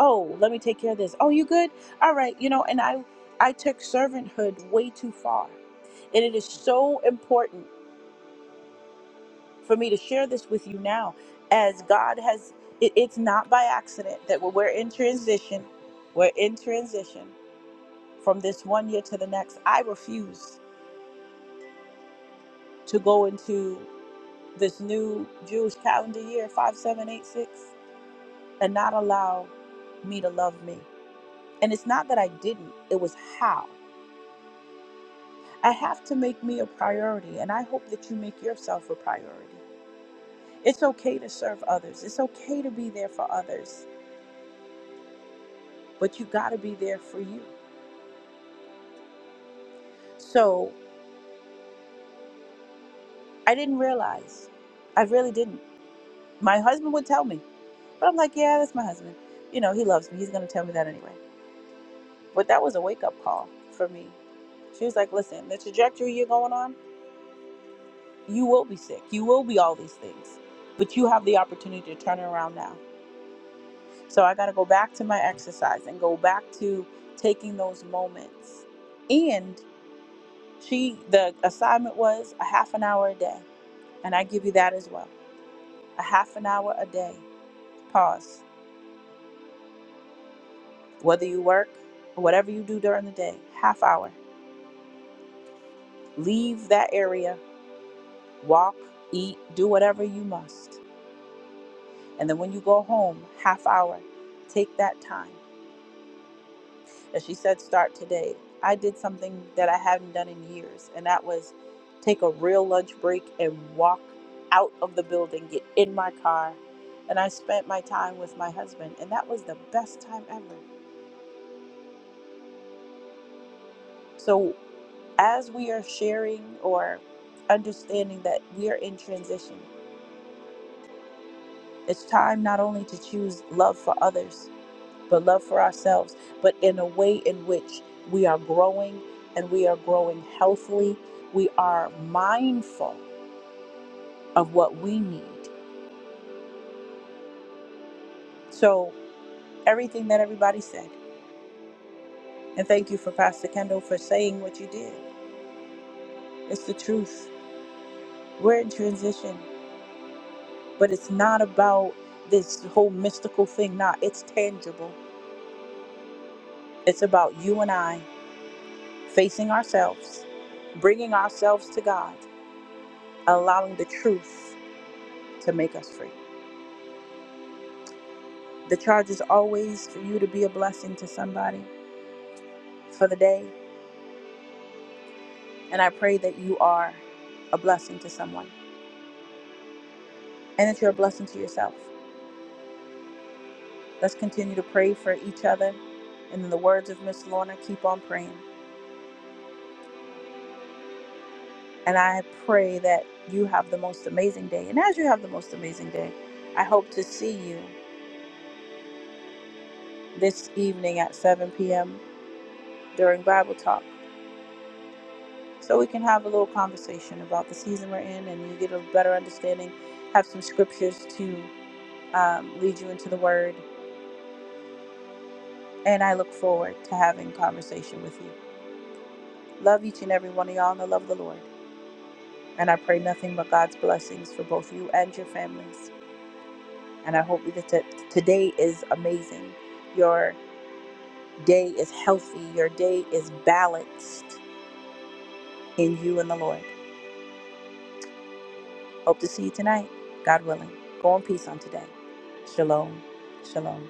S1: oh, let me take care of this. Oh, you good? All right, you know, and I I took servanthood way too far. And it is so important for me to share this with you now as God has it, it's not by accident that we're we're in transition. We're in transition from this one year to the next. I refuse. to go into this new Jewish calendar year, 5786, and not allow me to love me. And it's not that I didn't, it was how. I have to make me a priority, and I hope that you make yourself a priority. It's okay to serve others, it's okay to be there for others, but you gotta be there for you. So I didn't realize, I really didn't. My husband would tell me, but I'm like, yeah, that's my husband. You know, he loves me, he's gonna tell me that anyway. But that was a wake up call for me. She was like, listen, the trajectory you're going on, you will be sick. You will be all these things. But you have the opportunity to turn it around now. So I got to go back to my exercise and go back to taking those moments. And she, the assignment was a half an hour a day. And I give you that as well a half an hour a day. Pause. Whether you work or whatever you do during the day, half hour. Leave that area, walk, eat, do whatever you must And then when you go home, half hour, take that time. As she said, start today. I did something that I hadn't done in years, and that was take a real lunch break and walk out of the building, get in my car. And I spent my time with my husband, and that was the best time ever. So, as we are sharing or understanding that we are in transition, it's time not only to choose love for others, but love for ourselves, but in a way in which we are growing and we are growing healthily. We are mindful of what we need. So, everything that everybody said, and thank you for Pastor Kendall for saying what you did. It's the truth. We're in transition, but it's not about this whole mystical thing. Nah, it's tangible. It's about you and I facing ourselves, bringing ourselves to God, allowing the truth to make us free. The charge is always for you to be a blessing to somebody for the day. And I pray that you are a blessing to someone and that you're a blessing to yourself. Let's continue to pray for each other. And in the words of Miss Lorna, keep on praying. And I pray that you have the most amazing day. And as you have the most amazing day, I hope to see you this evening at 7 p.m. during Bible Talk so we can have a little conversation about the season we're in and you get a better understanding, have some scriptures to um, lead you into the word. And I look forward to having conversation with you. Love each and every one of y'all in the love of the Lord. And I pray nothing but God's blessings for both you and your families. And I hope that t- today is amazing. Your day is healthy. Your day is balanced in you and the Lord. Hope to see you tonight, God willing. Go in peace on today. Shalom. Shalom.